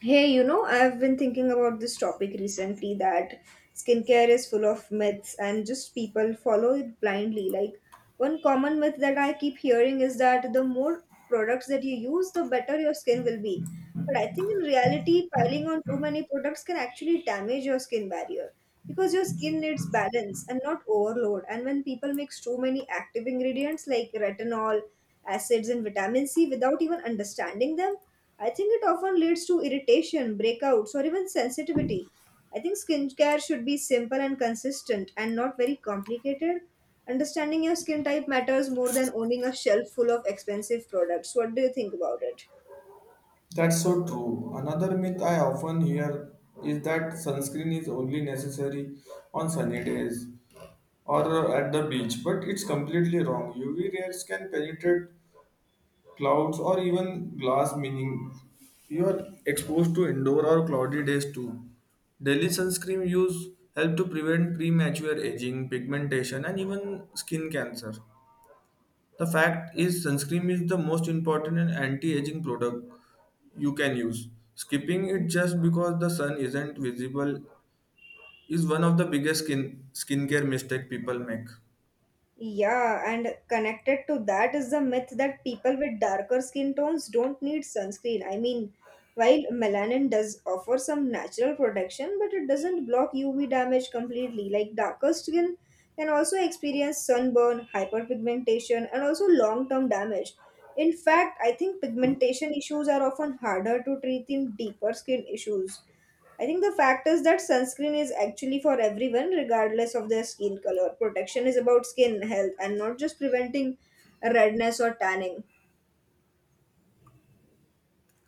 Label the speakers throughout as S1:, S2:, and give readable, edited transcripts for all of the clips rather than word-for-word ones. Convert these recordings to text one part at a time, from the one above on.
S1: Hey, I've been thinking about this topic recently that skincare is full of myths and just people follow it blindly. Like, one common myth that I keep hearing is that the more products that you use, the better your skin will be. But I think in reality, piling on too many products can actually damage your skin barrier because your skin needs balance and not overload. And when people mix too many active ingredients like retinol, acids, and vitamin C without even understanding them, I think it often leads to irritation, breakouts, or even sensitivity. I think skincare should be simple and consistent and not very complicated. Understanding your skin type matters more than owning a shelf full of expensive products. What do you think about it?
S2: That's so true. Another myth I often hear is that sunscreen is only necessary on sunny days or at the beach, but it's completely wrong. UV rays can penetrate clouds or even glass, meaning you are exposed to indoor or cloudy days too. Daily sunscreen use help to prevent premature aging, pigmentation, and even skin cancer. The fact is, sunscreen is the most important and anti-aging product you can use. Skipping it just because the sun isn't visible is one of the biggest skincare mistake people make.
S1: Yeah, and connected to that is the myth that people with darker skin tones don't need sunscreen. I mean, while melanin does offer some natural protection, but it doesn't block UV damage completely. Like darker skin can also experience sunburn, hyperpigmentation, and also long-term damage. In fact, I think pigmentation issues are often harder to treat in deeper skin issues. I think the fact is that sunscreen is actually for everyone, regardless of their skin color. Protection is about skin health and not just preventing redness or tanning.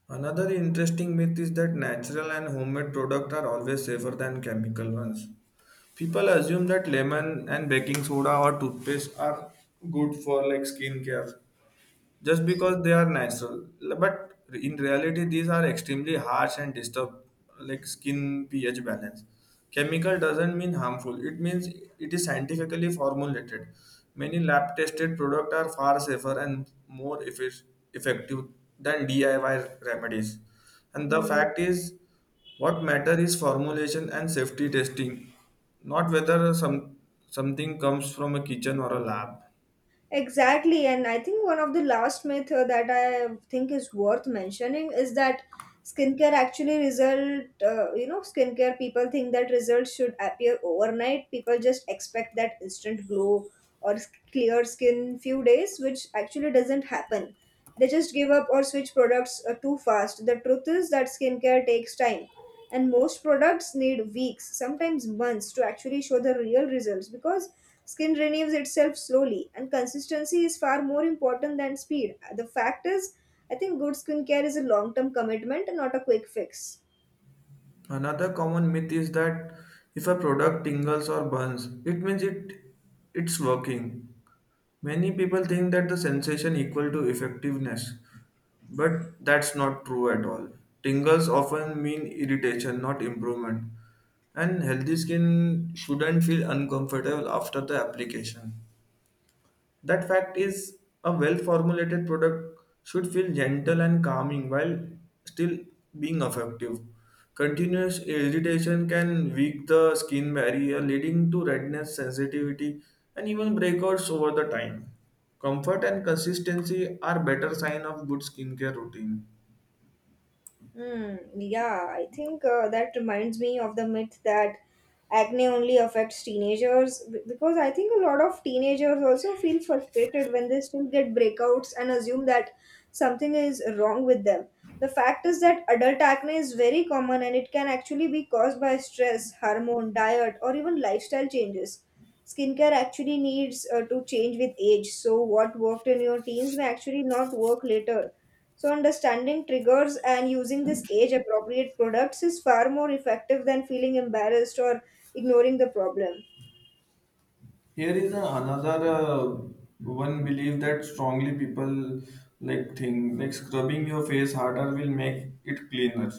S2: Another interesting myth is that natural and homemade products are always safer than chemical ones. People assume that lemon and baking soda or toothpaste are good for like skincare, just because they are natural. But in reality, these are extremely harsh and disturb like skin pH balance. Chemical doesn't mean harmful. It means it is scientifically formulated. Many lab tested products are far safer and more effective than DIY remedies. And the
S1: Hmm.
S2: fact is, what matter is formulation and safety testing, not whether something comes from a kitchen or a lab.
S1: Exactly, and I think one of the last myth that I think is worth mentioning is that skincare actually result. Skincare people think that results should appear overnight. People just expect that instant glow or clear skin few days, which actually doesn't happen. They just give up or switch products too fast. The truth is that skincare takes time, and most products need weeks, sometimes months, to actually show the real results because skin renews itself slowly, and consistency is far more important than speed. The fact is, I think good skincare is a long term commitment and not a quick fix.
S2: Another common myth is that if a product tingles or burns, it means it's working. Many people think that the sensation equal to effectiveness, but that's not true at all. Tingles often mean irritation, not improvement, and healthy skin shouldn't feel uncomfortable after the application. That fact is, a well formulated product should feel gentle and calming while still being effective. Continuous irritation can weak the skin barrier, leading to redness, sensitivity, and even breakouts over the time. Comfort and consistency are better sign of good skincare routine.
S1: Hmm, yeah, I think that reminds me of the myth that acne only affects teenagers because I think a lot of teenagers also feel frustrated when they still get breakouts and assume that something is wrong with them. The fact is that adult acne is very common and it can actually be caused by stress, hormone, diet, or even lifestyle changes. Skincare actually needs to change with age, so what worked in your teens may actually not work later, so understanding triggers and using this age appropriate products is far more effective than feeling embarrassed or ignoring the problem.
S2: Here is another one belief that strongly people like think like scrubbing your face harder will make it cleaner.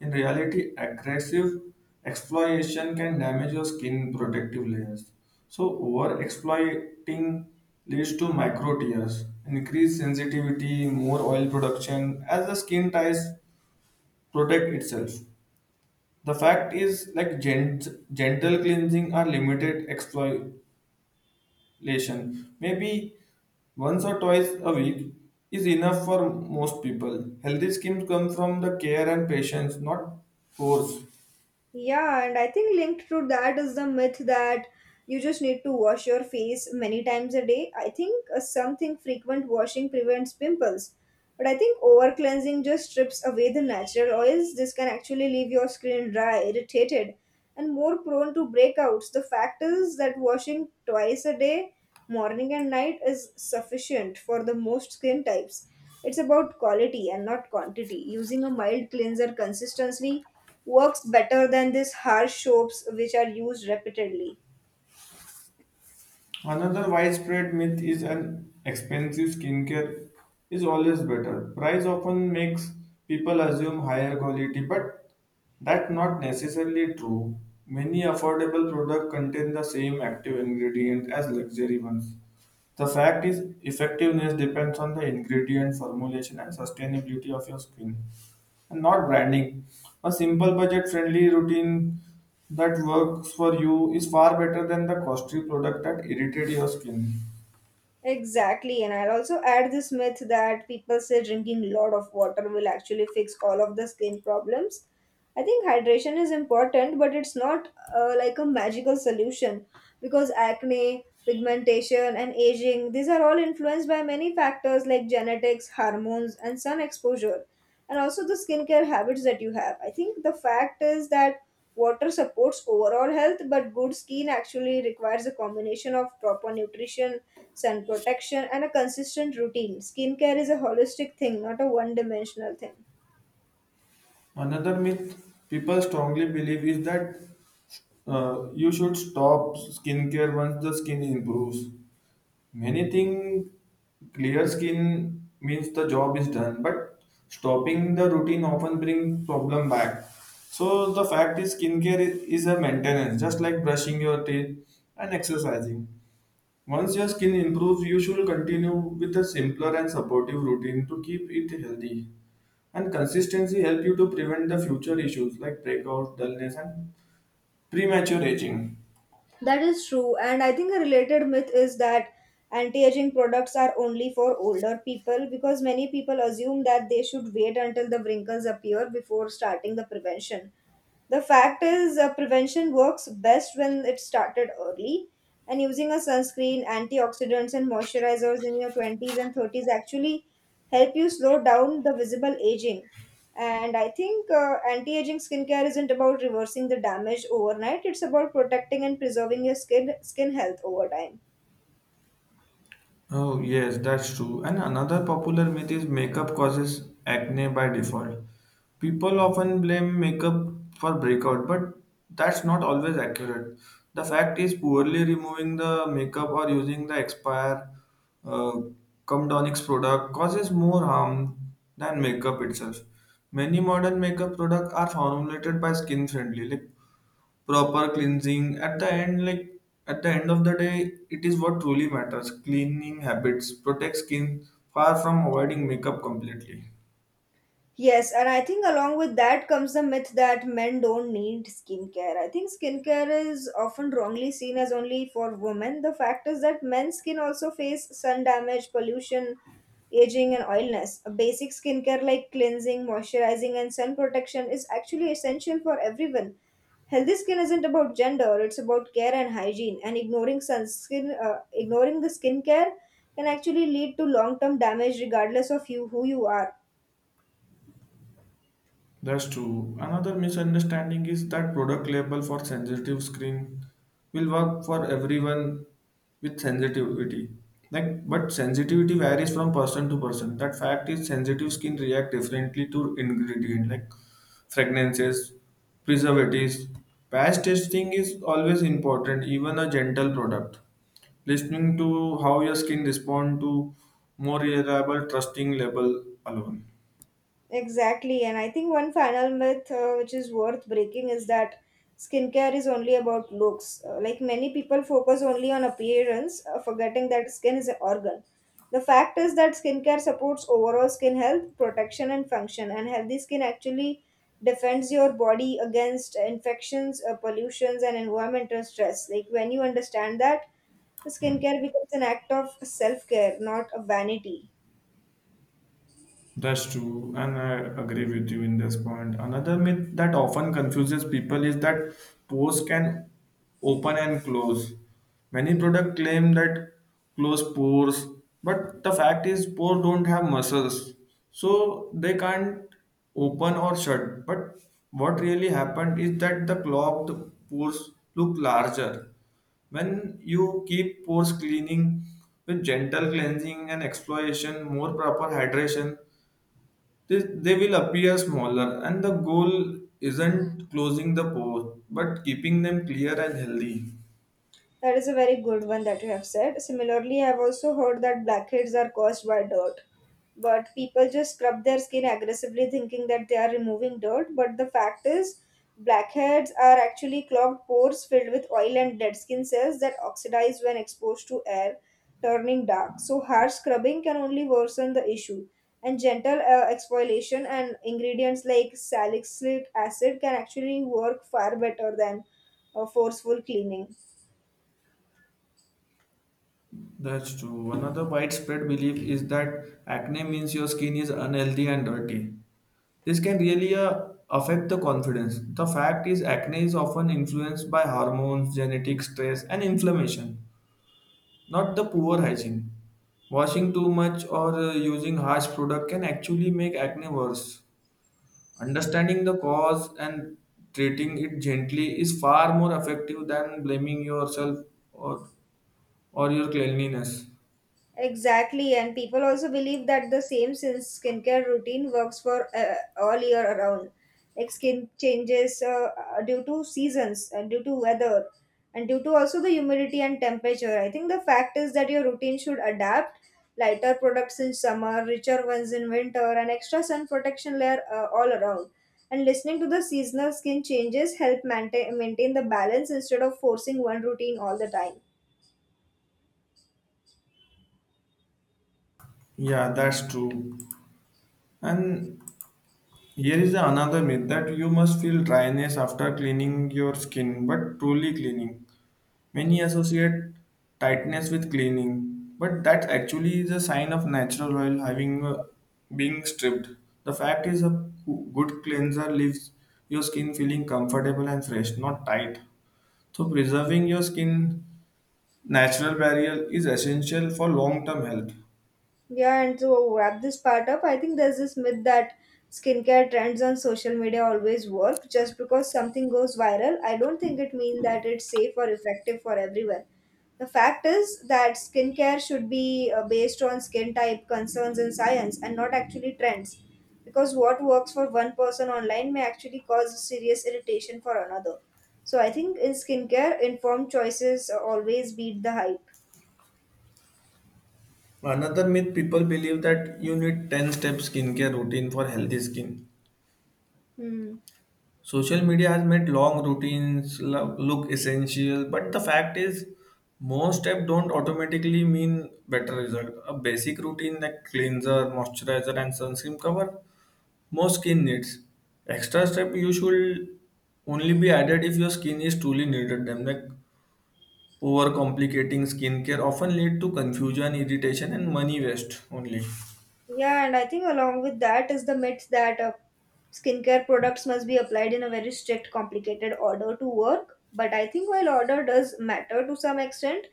S2: In reality, aggressive exploitation can damage your skin protective layers. So, over exploiting leads to micro tears, increased sensitivity, more oil production as the skin ties protect itself. The fact is, like gentle cleansing are limited exploit relation. Maybe once or twice a week is enough for most people. Healthy skin come from the care and patience, not force.
S1: Yeah, and I think linked to that is the myth that you just need to wash your face many times a day. I think something frequent washing prevents pimples. But I think over cleansing just strips away the natural oils. This can actually leave your skin dry, irritated, and more prone to breakouts. The fact is that washing twice a day, morning and night, is sufficient for the most skin types. It's about quality and not quantity. Using a mild cleanser consistently works better than these harsh soaps which are used repeatedly.
S2: Another widespread myth is an expensive skincare is always better. Price often makes people assume higher quality, but that's not necessarily true. Many affordable products contain the same active ingredient as luxury ones. The fact is, effectiveness depends on the ingredient, formulation, and sustainability of your skin and not branding. A simple budget-friendly routine that works for you is far better than the costly product that irritate your skin.
S1: Exactly, and I'll also add this myth that people say drinking a lot of water will actually fix all of the skin problems. I think hydration is important, but it's not like a magical solution because acne, pigmentation, and aging, these are all influenced by many factors like genetics, hormones, and sun exposure, and also the skincare habits that you have. I think the fact is that water supports overall health, but good skin actually requires a combination of proper nutrition, sun protection, and a consistent routine. Skincare is a holistic thing, not a one dimensional thing.
S2: Another myth people strongly believe is that you should stop skincare once the skin improves. Many think clear skin means the job is done, but stopping the routine often brings problem back. So the fact is, skincare is a maintenance, just like brushing your teeth and exercising. Once your skin improves, you should continue with a simpler and supportive routine to keep it healthy. And consistency help you to prevent the future issues like breakouts, dullness, and premature aging.
S1: That is true, and I think a related myth is that anti aging products are only for older people because many people assume that they should wait until the wrinkles appear before starting the prevention. The fact is, prevention works best when it's started early, and using a sunscreen, antioxidants, and moisturizers in your 20s and 30s actually help you slow down the visible aging. And I think anti aging skincare isn't about reversing the damage overnight, it's about protecting and preserving your skin health over time.
S2: Oh, yes, that's true. And another popular myth is makeup causes acne by default. People often blame makeup for breakout, but that's not always accurate. The fact is, poorly removing the makeup or using the expire uh, Comdonix product causes more harm than makeup itself. Many modern makeup products are formulated by skin friendly, like proper cleansing at the end, like at the end of the day it is what truly matters. Cleaning habits protect skin far from avoiding makeup completely.
S1: Yes, and I think along with that comes the myth that men don't need skincare. I think skincare is often wrongly seen as only for women. The fact is that men's skin also face sun damage, pollution, aging, and oiliness. A basic skincare like cleansing, moisturizing, and sun protection is actually essential for everyone. Healthy skin isn't about gender; it's about care and hygiene. And ignoring sunscreen, ignoring the skincare, can actually lead to long-term damage, regardless of you who you are.
S2: That's true. Another misunderstanding is that product label for sensitive screen will work for everyone with sensitivity. Like, but sensitivity varies from person to person. That fact is sensitive skin react differently to ingredient like fragrances, preservatives. Past testing is always important, even a gentle product. Listening to how your skin respond to more reliable trusting label alone.
S1: Exactly. And I think one final myth which is worth breaking is that skincare is only about looks. Like many people focus only on appearance, forgetting that skin is an organ. The fact is that skincare supports overall skin health, protection, and function. And healthy skin actually defends your body against infections, pollutions, and environmental stress. Like when you understand that, the skincare becomes an act of self care, not a vanity.
S2: That's true, and I agree with you in this point. Another myth that often confuses people is that pores can open and close. Many product claim that close pores, but the fact is pores don't have muscles, so they can't open or shut. But what really happened is that the clogged pores look larger. When you keep pores cleaning with gentle cleansing and exfoliation, more proper hydration, they will appear smaller, and the goal isn't closing the pores, but keeping them clear and healthy.
S1: That is a very good one that you have said. Similarly, I have also heard that blackheads are caused by dirt. But people just scrub their skin aggressively thinking that they are removing dirt. But the fact is, blackheads are actually clogged pores filled with oil and dead skin cells that oxidize when exposed to air, turning dark. So, harsh scrubbing can only worsen the issue. And gentle exfoliation and ingredients like salicylic acid can actually work far better than forceful cleaning.
S2: That's true. Another widespread belief is that acne means your skin is unhealthy and dirty. This can really affect the confidence. The fact is, acne is often influenced by hormones, genetic stress, and inflammation, not the poor hygiene. Washing too much or using harsh product can actually make acne worse. Understanding the cause and treating it gently is far more effective than blaming yourself or, or your cleanliness.
S1: Exactly, and people also believe that the same skincare routine works for all year around. Like skin changes due to seasons and due to weather and due to also the humidity and temperature. I think the fact is that your routine should adapt lighter products in summer, richer ones in winter, and extra sun protection layer all around. And listening to the seasonal skin changes help maintain the balance instead of forcing one routine all the time.
S2: Yeah, that's true. And here is another myth that you must feel dryness after cleaning your skin, but truly cleaning. Many associate tightness with cleaning, but that actually is a sign of natural oil having being stripped. The fact is, a good cleanser leaves your skin feeling comfortable and fresh, not tight. So, preserving your skin natural barrier is essential for long-term health.
S1: Yeah, and to wrap this part up, I think there's this myth that skincare trends on social media always work. Just because something goes viral, I don't think it means that it's safe or effective for everyone. The fact is that skincare should be based on skin type, concerns, and science, and not actually trends. Because what works for one person online may actually cause serious irritation for another. So I think in skincare, informed choices always beat the hype.
S2: Another myth people believe that you need 10-step skincare routine for healthy skin.
S1: Hmm.
S2: Social media has made long routines look essential, but the fact is most steps don't automatically mean better result. A basic routine like cleanser, moisturizer and sunscreen cover most skin needs. Extra step you should only be added if your skin is truly needed them, like overcomplicating skincare often lead to confusion, irritation, and money waste only.
S1: Yeah, and I think along with that is the myth that skincare products must be applied in a very strict, complicated order to work. But I think while order does matter to some extent,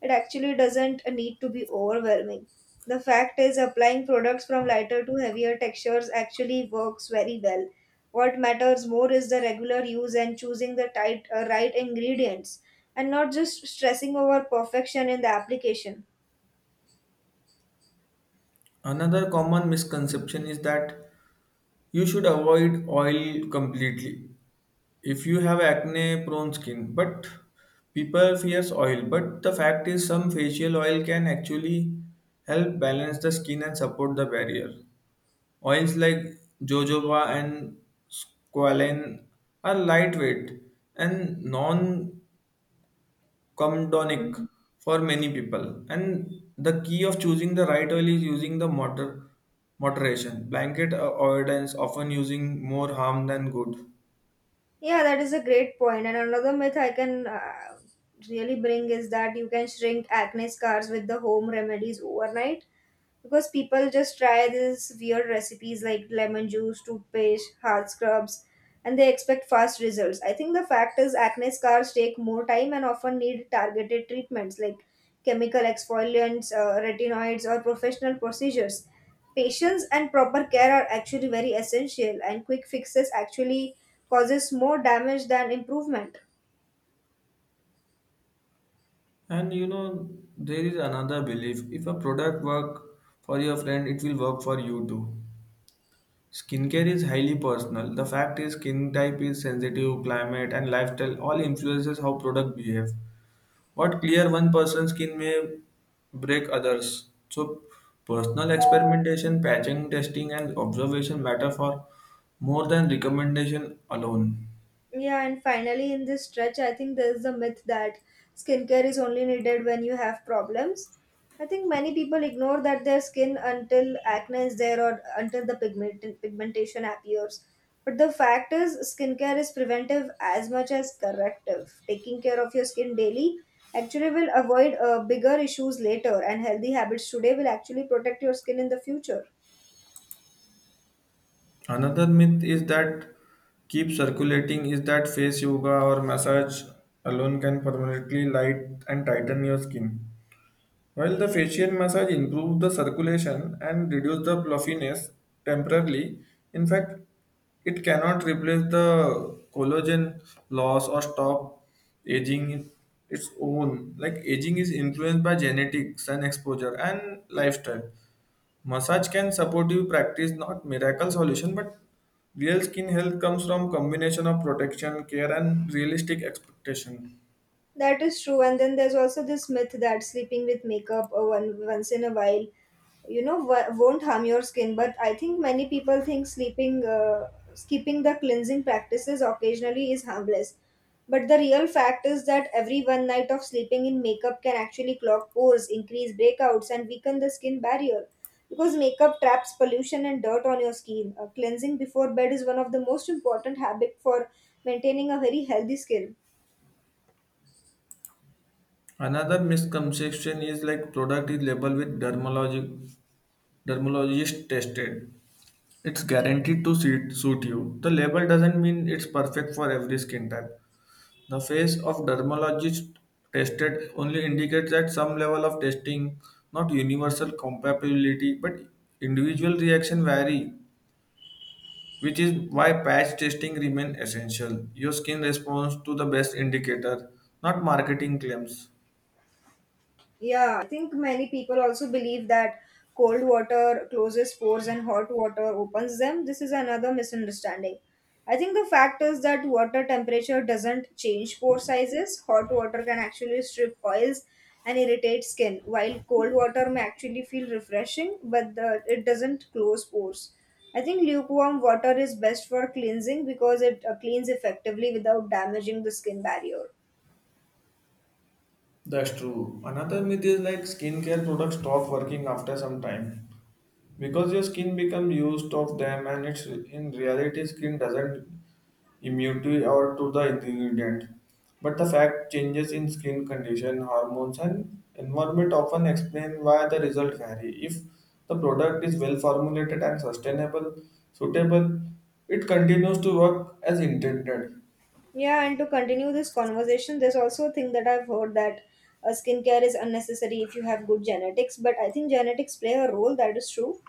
S1: it actually doesn't need to be overwhelming. The fact is, applying products from lighter to heavier textures actually works very well. What matters more is the regular use and choosing the right ingredients, and not just stressing over perfection in the application.
S2: Another common misconception is that you should avoid oil completely if you have acne prone skin. But people fears oil, but the fact is some facial oil can actually help balance the skin and support the barrier. Oils like jojoba and squalane are lightweight and non comdonic for many people, and the key of choosing the right oil is using the moderation. Blanket avoidance often using more harm than good.
S1: Yeah, that is a great point. And another myth I can really bring is that you can shrink acne scars with the home remedies overnight because people just try these weird recipes like lemon juice, toothpaste, hard scrubs, and they expect fast results. I think the fact is acne scars take more time and often need targeted treatments like chemical exfoliants, retinoids, or professional procedures. Patience and proper care are actually very essential, and quick fixes actually causes more damage than improvement.
S2: And you know, there is another belief: if a product work for your friend it will work for you too. Skincare is highly personal. The fact is skin type is sensitive, climate and lifestyle all influences how product behave. What clear one person's skin may break others. So personal experimentation, patching, testing, and observation matter for more than recommendation alone.
S1: Yeah, and finally, in this stretch, I think there's the myth that skincare is only needed when you have problems. I think many people ignore that their skin until acne is there or until the pigmentation appears. But the fact is, skincare is preventive as much as corrective. Taking care of your skin daily actually will avoid bigger issues later, and healthy habits today will actually protect your skin in the future.
S2: Another myth is that keep circulating is that face yoga or massage alone can permanently light and tighten your skin. While the facial massage improves the circulation and reduces the fluffiness temporarily, in fact, it cannot replace the collagen loss or stop aging its own. Like aging is influenced by genetics and exposure and lifestyle. Massage can support you practice not miracle solution, but real skin health comes from combination of protection, care, and realistic expectation.
S1: That is true. And then there's also this myth that sleeping with makeup once in a while won't harm your skin. But I think many people think sleeping skipping the cleansing practices occasionally is harmless, but the real fact is that every one night of sleeping in makeup can actually clog pores, increase breakouts, and weaken the skin barrier because makeup traps pollution and dirt on your skin. Cleansing before bed is one of the most important habits for maintaining a very healthy skin.
S2: Another misconception is like product is labeled with dermatologist tested. It's guaranteed to suit you. The label doesn't mean it's perfect for every skin type. The face of dermatologist tested only indicates that some level of testing, not universal compatibility, but individual reaction vary, which is why patch testing remain essential. Your skin responds to the best indicator, not marketing claims.
S1: Yeah, I think many people also believe that cold water closes pores and hot water opens them. This is another misunderstanding. I think the fact is that water temperature doesn't change pore sizes. Hot water can actually strip oils and irritate skin, while cold water may actually feel refreshing, but it doesn't close pores. I think lukewarm water is best for cleansing because it cleans effectively without damaging the skin barrier.
S2: That's true. Another myth is like skincare products stop working after some time because your skin becomes used of them, and it's in reality skin doesn't immune to or to the ingredient. But the fact changes in skin condition, hormones and environment often explain why the result vary. If the product is well formulated and suitable, it continues to work as intended.
S1: Yeah, and to continue this conversation, there's also a thing that I've heard that skincare is unnecessary if you have good genetics, but I think genetics play a role, that is true.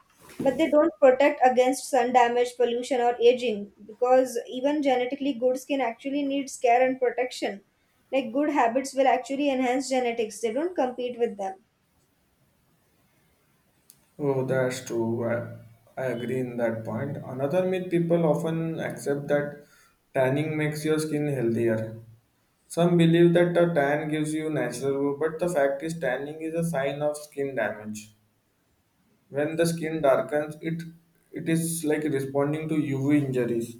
S1: But they don't protect against sun damage, pollution, or aging because even genetically good skin actually needs care and protection. Like good habits will actually enhance genetics, they don't compete with them.
S2: Oh, that's true. I agree in that point. Another myth people often accept that tanning makes your skin healthier. Some believe that a tan gives you natural glow, but the fact is tanning is a sign of skin damage. When the skin darkens, it is like responding to UV injuries.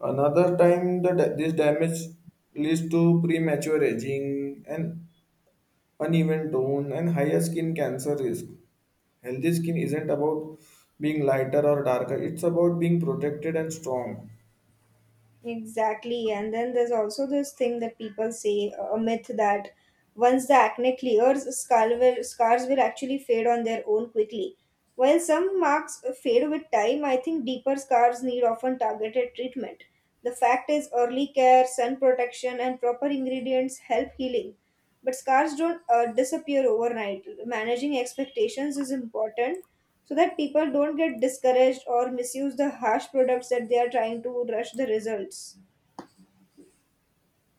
S2: Another time that this damage leads to premature aging and uneven tone, and higher skin cancer risk. Healthy skin isn't about being lighter or darker, it's about being protected and strong.
S1: Exactly. And then there's also this thing that people say, a myth that once the acne clears, scars will actually fade on their own quickly. While some marks fade with time, I think deeper scars need often targeted treatment. The fact is, early care, sun protection, and proper ingredients help healing. But scars don't disappear overnight. Managing expectations is important, so that people don't get discouraged or misuse the harsh products that they are trying to rush the results.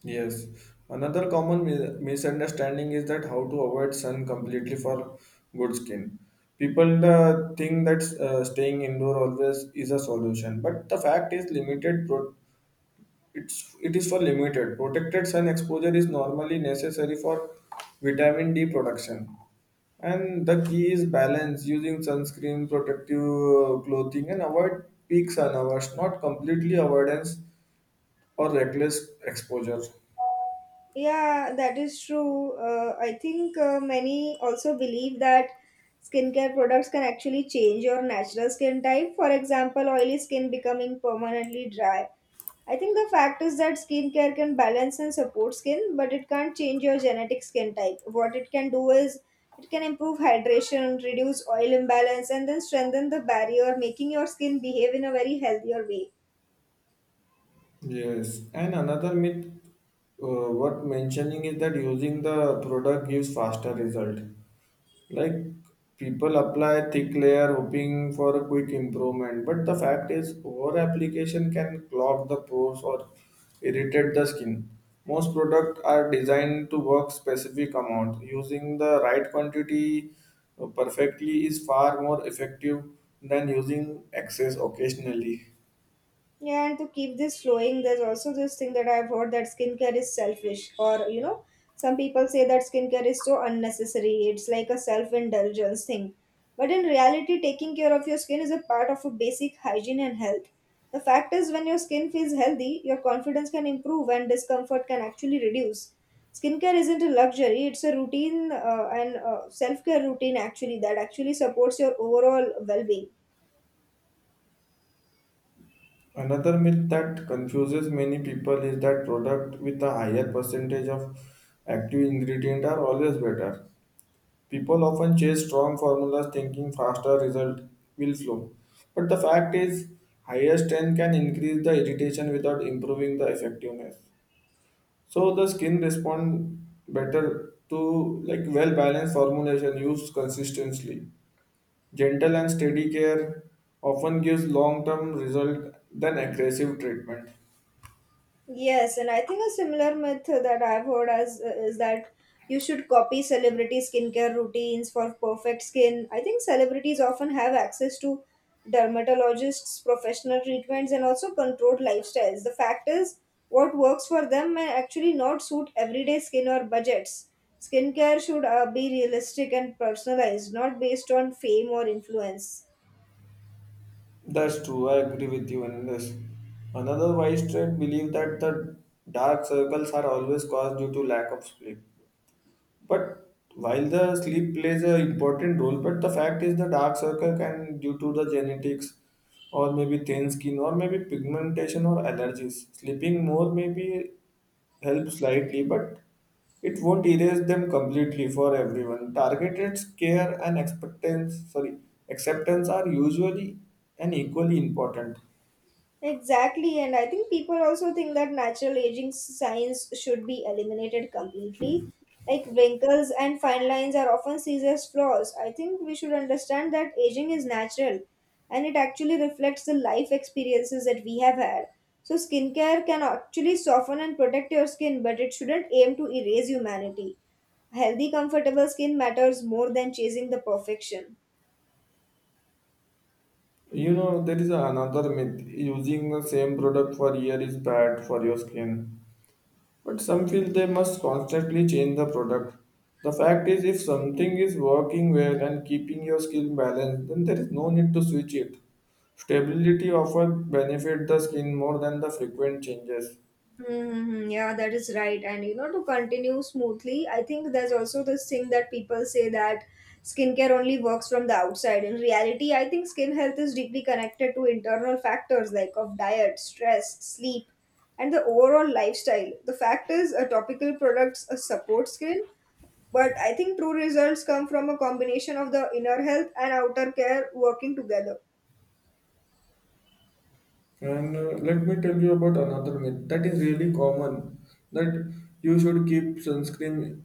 S2: Yes, another common misunderstanding is that how to avoid sun completely for good skin. People think that staying indoor always is a solution, but the fact is limited It's it is for limited. Protected sun exposure is normally necessary for vitamin D production. And the key is balance using sunscreen, protective clothing, and avoid peak sun hours, not completely avoidance or reckless exposure.
S1: Yeah, that is true. I think many also believe that skincare products can actually change your natural skin type. For example, oily skin becoming permanently dry. I think the fact is that skincare can balance and support skin, but it can't change your genetic skin type. What it can do is it can improve hydration, reduce oil imbalance, and then strengthen the barrier, making your skin behave in a very healthier way.
S2: Yes, and another myth uh, worth mentioning is that using the product gives faster result. Like people apply thick layer hoping for a quick improvement, but the fact is over application can clog the pores or irritate the skin. Most products are designed to work specific amount. Using the right quantity perfectly is far more effective than using excess occasionally.
S1: Yeah, and to keep this flowing, there's also this thing that I've heard that skincare is selfish, or you know, some people say that skincare is so unnecessary, it's like a self indulgence thing. But in reality, taking care of your skin is a part of a basic hygiene and health. The fact is, when your skin feels healthy, your confidence can improve and discomfort can actually reduce. Skincare isn't a luxury, it's a routine and self care routine actually that actually supports your overall well being.
S2: Another myth that confuses many people is that products with a higher percentage of active ingredient are always better. People often chase strong formulas thinking faster result will flow. But the fact is, higher strength can increase the irritation without improving the effectiveness. So the skin respond better to like well balanced formulation used consistently. Gentle and steady care often gives long term result than aggressive treatment.
S1: Yes, and I think a similar myth that I've heard as is that you should copy celebrity skincare routines for perfect skin. I think celebrities often have access to dermatologists, professional treatments, and also controlled lifestyles. The fact is, what works for them may actually not suit everyday skin or budgets. Skincare should be realistic and personalized, not based on fame or influence.
S2: That's true. I agree with you on this. Another wise trait believe that the dark circles are always caused due to lack of sleep. But while the sleep plays an important role, but the fact is the dark circle can due to the genetics or maybe thin skin or maybe pigmentation or allergies. Sleeping more maybe help slightly, but it won't erase them completely for everyone. Targeted care and acceptance, sorry, acceptance are usually and equally important.
S1: Exactly, and I think people also think that natural aging signs should be eliminated completely. Like wrinkles and fine lines are often seen as flaws. I think we should understand that aging is natural and it actually reflects the life experiences that we have had. So, skincare can actually soften and protect your skin, but it shouldn't aim to erase humanity. Healthy, comfortable skin matters more than chasing the perfection.
S2: You know, there is another myth using the same product for year is bad for your skin. But some feel they must constantly change the product. The fact is, if something is working well and keeping your skin balanced, then there is no need to switch it. Stability often benefit the skin more than the frequent changes.
S1: Mm-hmm. Yeah, that is right. And you know, to continue smoothly, I think there's also this thing that people say that skincare only works from the outside. In reality, I think skin health is deeply connected to internal factors like of diet, stress, sleep, and the overall lifestyle. The fact is, a topical products support skin, but I think true results come from a combination of the inner health and outer care working together.
S2: And Let me tell you about another myth that is really common that you should keep sunscreen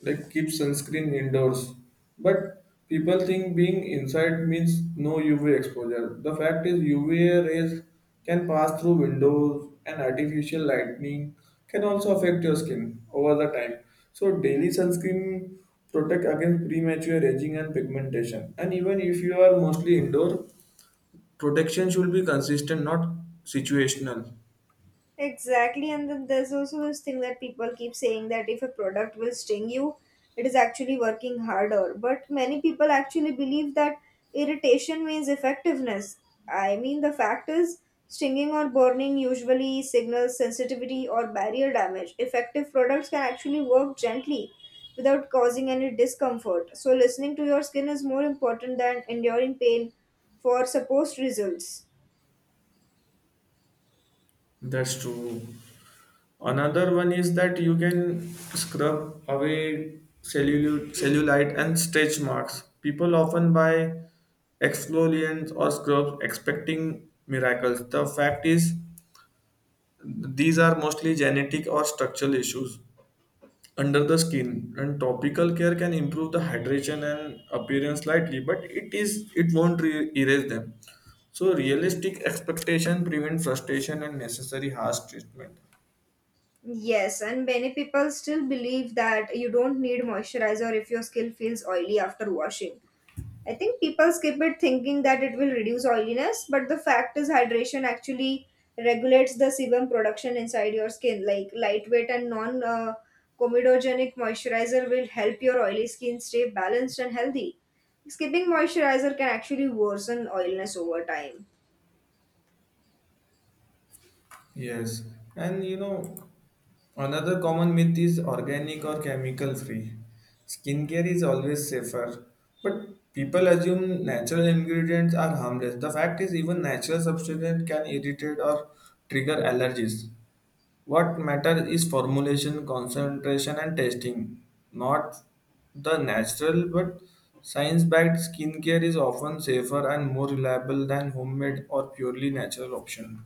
S2: like keep sunscreen indoors. But people think being inside means no UV exposure. The fact is UV rays can pass through windows and artificial lightning can also affect your skin over the time. So daily sunscreen protect against premature aging and pigmentation. And even if you are mostly indoor, protection should be consistent, not situational.
S1: Exactly, and then there's also this thing that people keep saying that if a product will sting you, it is actually working harder. But many people actually believe that irritation means effectiveness. I mean, the fact is, stinging or burning usually signals sensitivity or barrier damage. Effective products can actually work gently without causing any discomfort. So, listening to your skin is more important than enduring pain for supposed results.
S2: That's true. Another one is that you can scrub away cellulite and stretch marks. People often buy exfoliants or scrubs expecting miracles. The fact is, these are mostly genetic or structural issues under the skin and topical care can improve the hydration and appearance slightly but it won't erase them. So realistic expectation prevent frustration and necessary harsh treatment.
S1: Yes, and many people still believe that you don't need moisturizer if your skin feels oily after washing. I think people skip it thinking that it will reduce oiliness, but the fact is, hydration actually regulates the sebum production inside your skin. Like lightweight and non comedogenic moisturizer will help your oily skin stay balanced and healthy. Skipping moisturizer can actually worsen oiliness over time.
S2: Yes, and you know, another common myth is organic or chemical free. Skincare is always safer, but people assume natural ingredients are harmless. The fact is, even natural substances can irritate or trigger allergies. What matters is formulation, concentration, and testing, not the natural but science backed skincare is often safer and more reliable than homemade or purely natural option.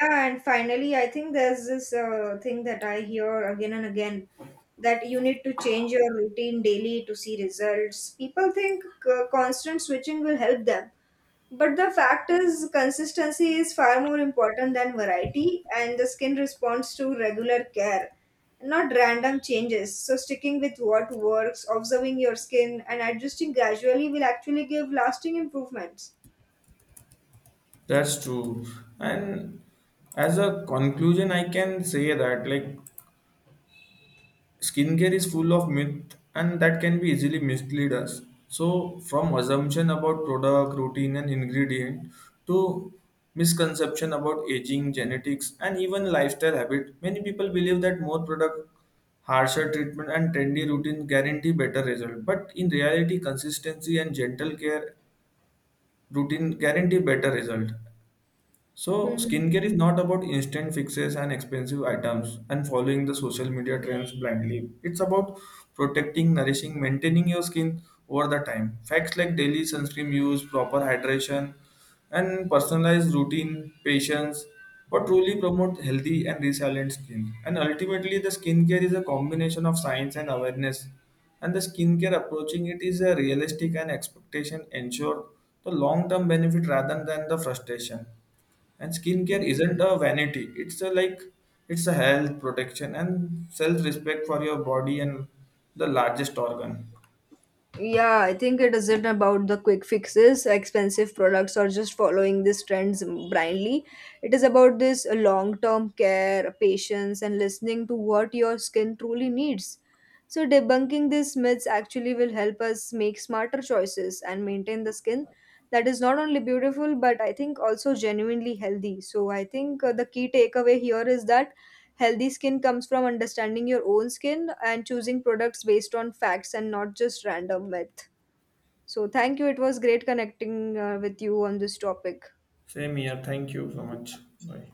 S1: Yeah, and finally, I think there's this thing that I hear again and again that you need to change your routine daily to see results. People think constant switching will help them, but the fact is, consistency is far more important than variety, and the skin responds to regular care, not random changes. So, sticking with what works, observing your skin, and adjusting gradually will actually give lasting improvements.
S2: That's true. And as a conclusion, I can say that like skincare is full of myth and that can be easily mislead us. So from assumption about product, routine and ingredient to misconception about aging, genetics and even lifestyle habit, many people believe that more product, harsher treatment and trendy routine guarantee better result. But in reality, consistency and gentle care routine guarantee better result. So,
S1: Mhm.
S2: skincare is not about instant fixes and expensive items and following the social media trends blindly. It's about protecting, nourishing, maintaining your skin over the time. Facts like daily sunscreen use, proper hydration, and personalized routine, patience, what truly promote healthy and resilient skin. And ultimately, the skincare is a combination of science and awareness. And the skincare approaching it is a realistic and expectation ensure the long-term benefit rather than the frustration. And skincare isn't a vanity. It's a like it's a health protection and self-respect for your body and the largest organ.
S1: Yeah, I think it isn't about the quick fixes, expensive products, or just following these trends blindly. It is about this long term care, patience, and listening to what your skin truly needs. So, debunking these myths actually will help us make smarter choices and maintain the skin that is not only beautiful but I think also genuinely healthy. So I think the key takeaway here is that healthy skin comes from understanding your own skin and choosing products based on facts and not just random myth. So thank you, it was great connecting with you on this topic.
S2: Same here. Thank you so much. Bye.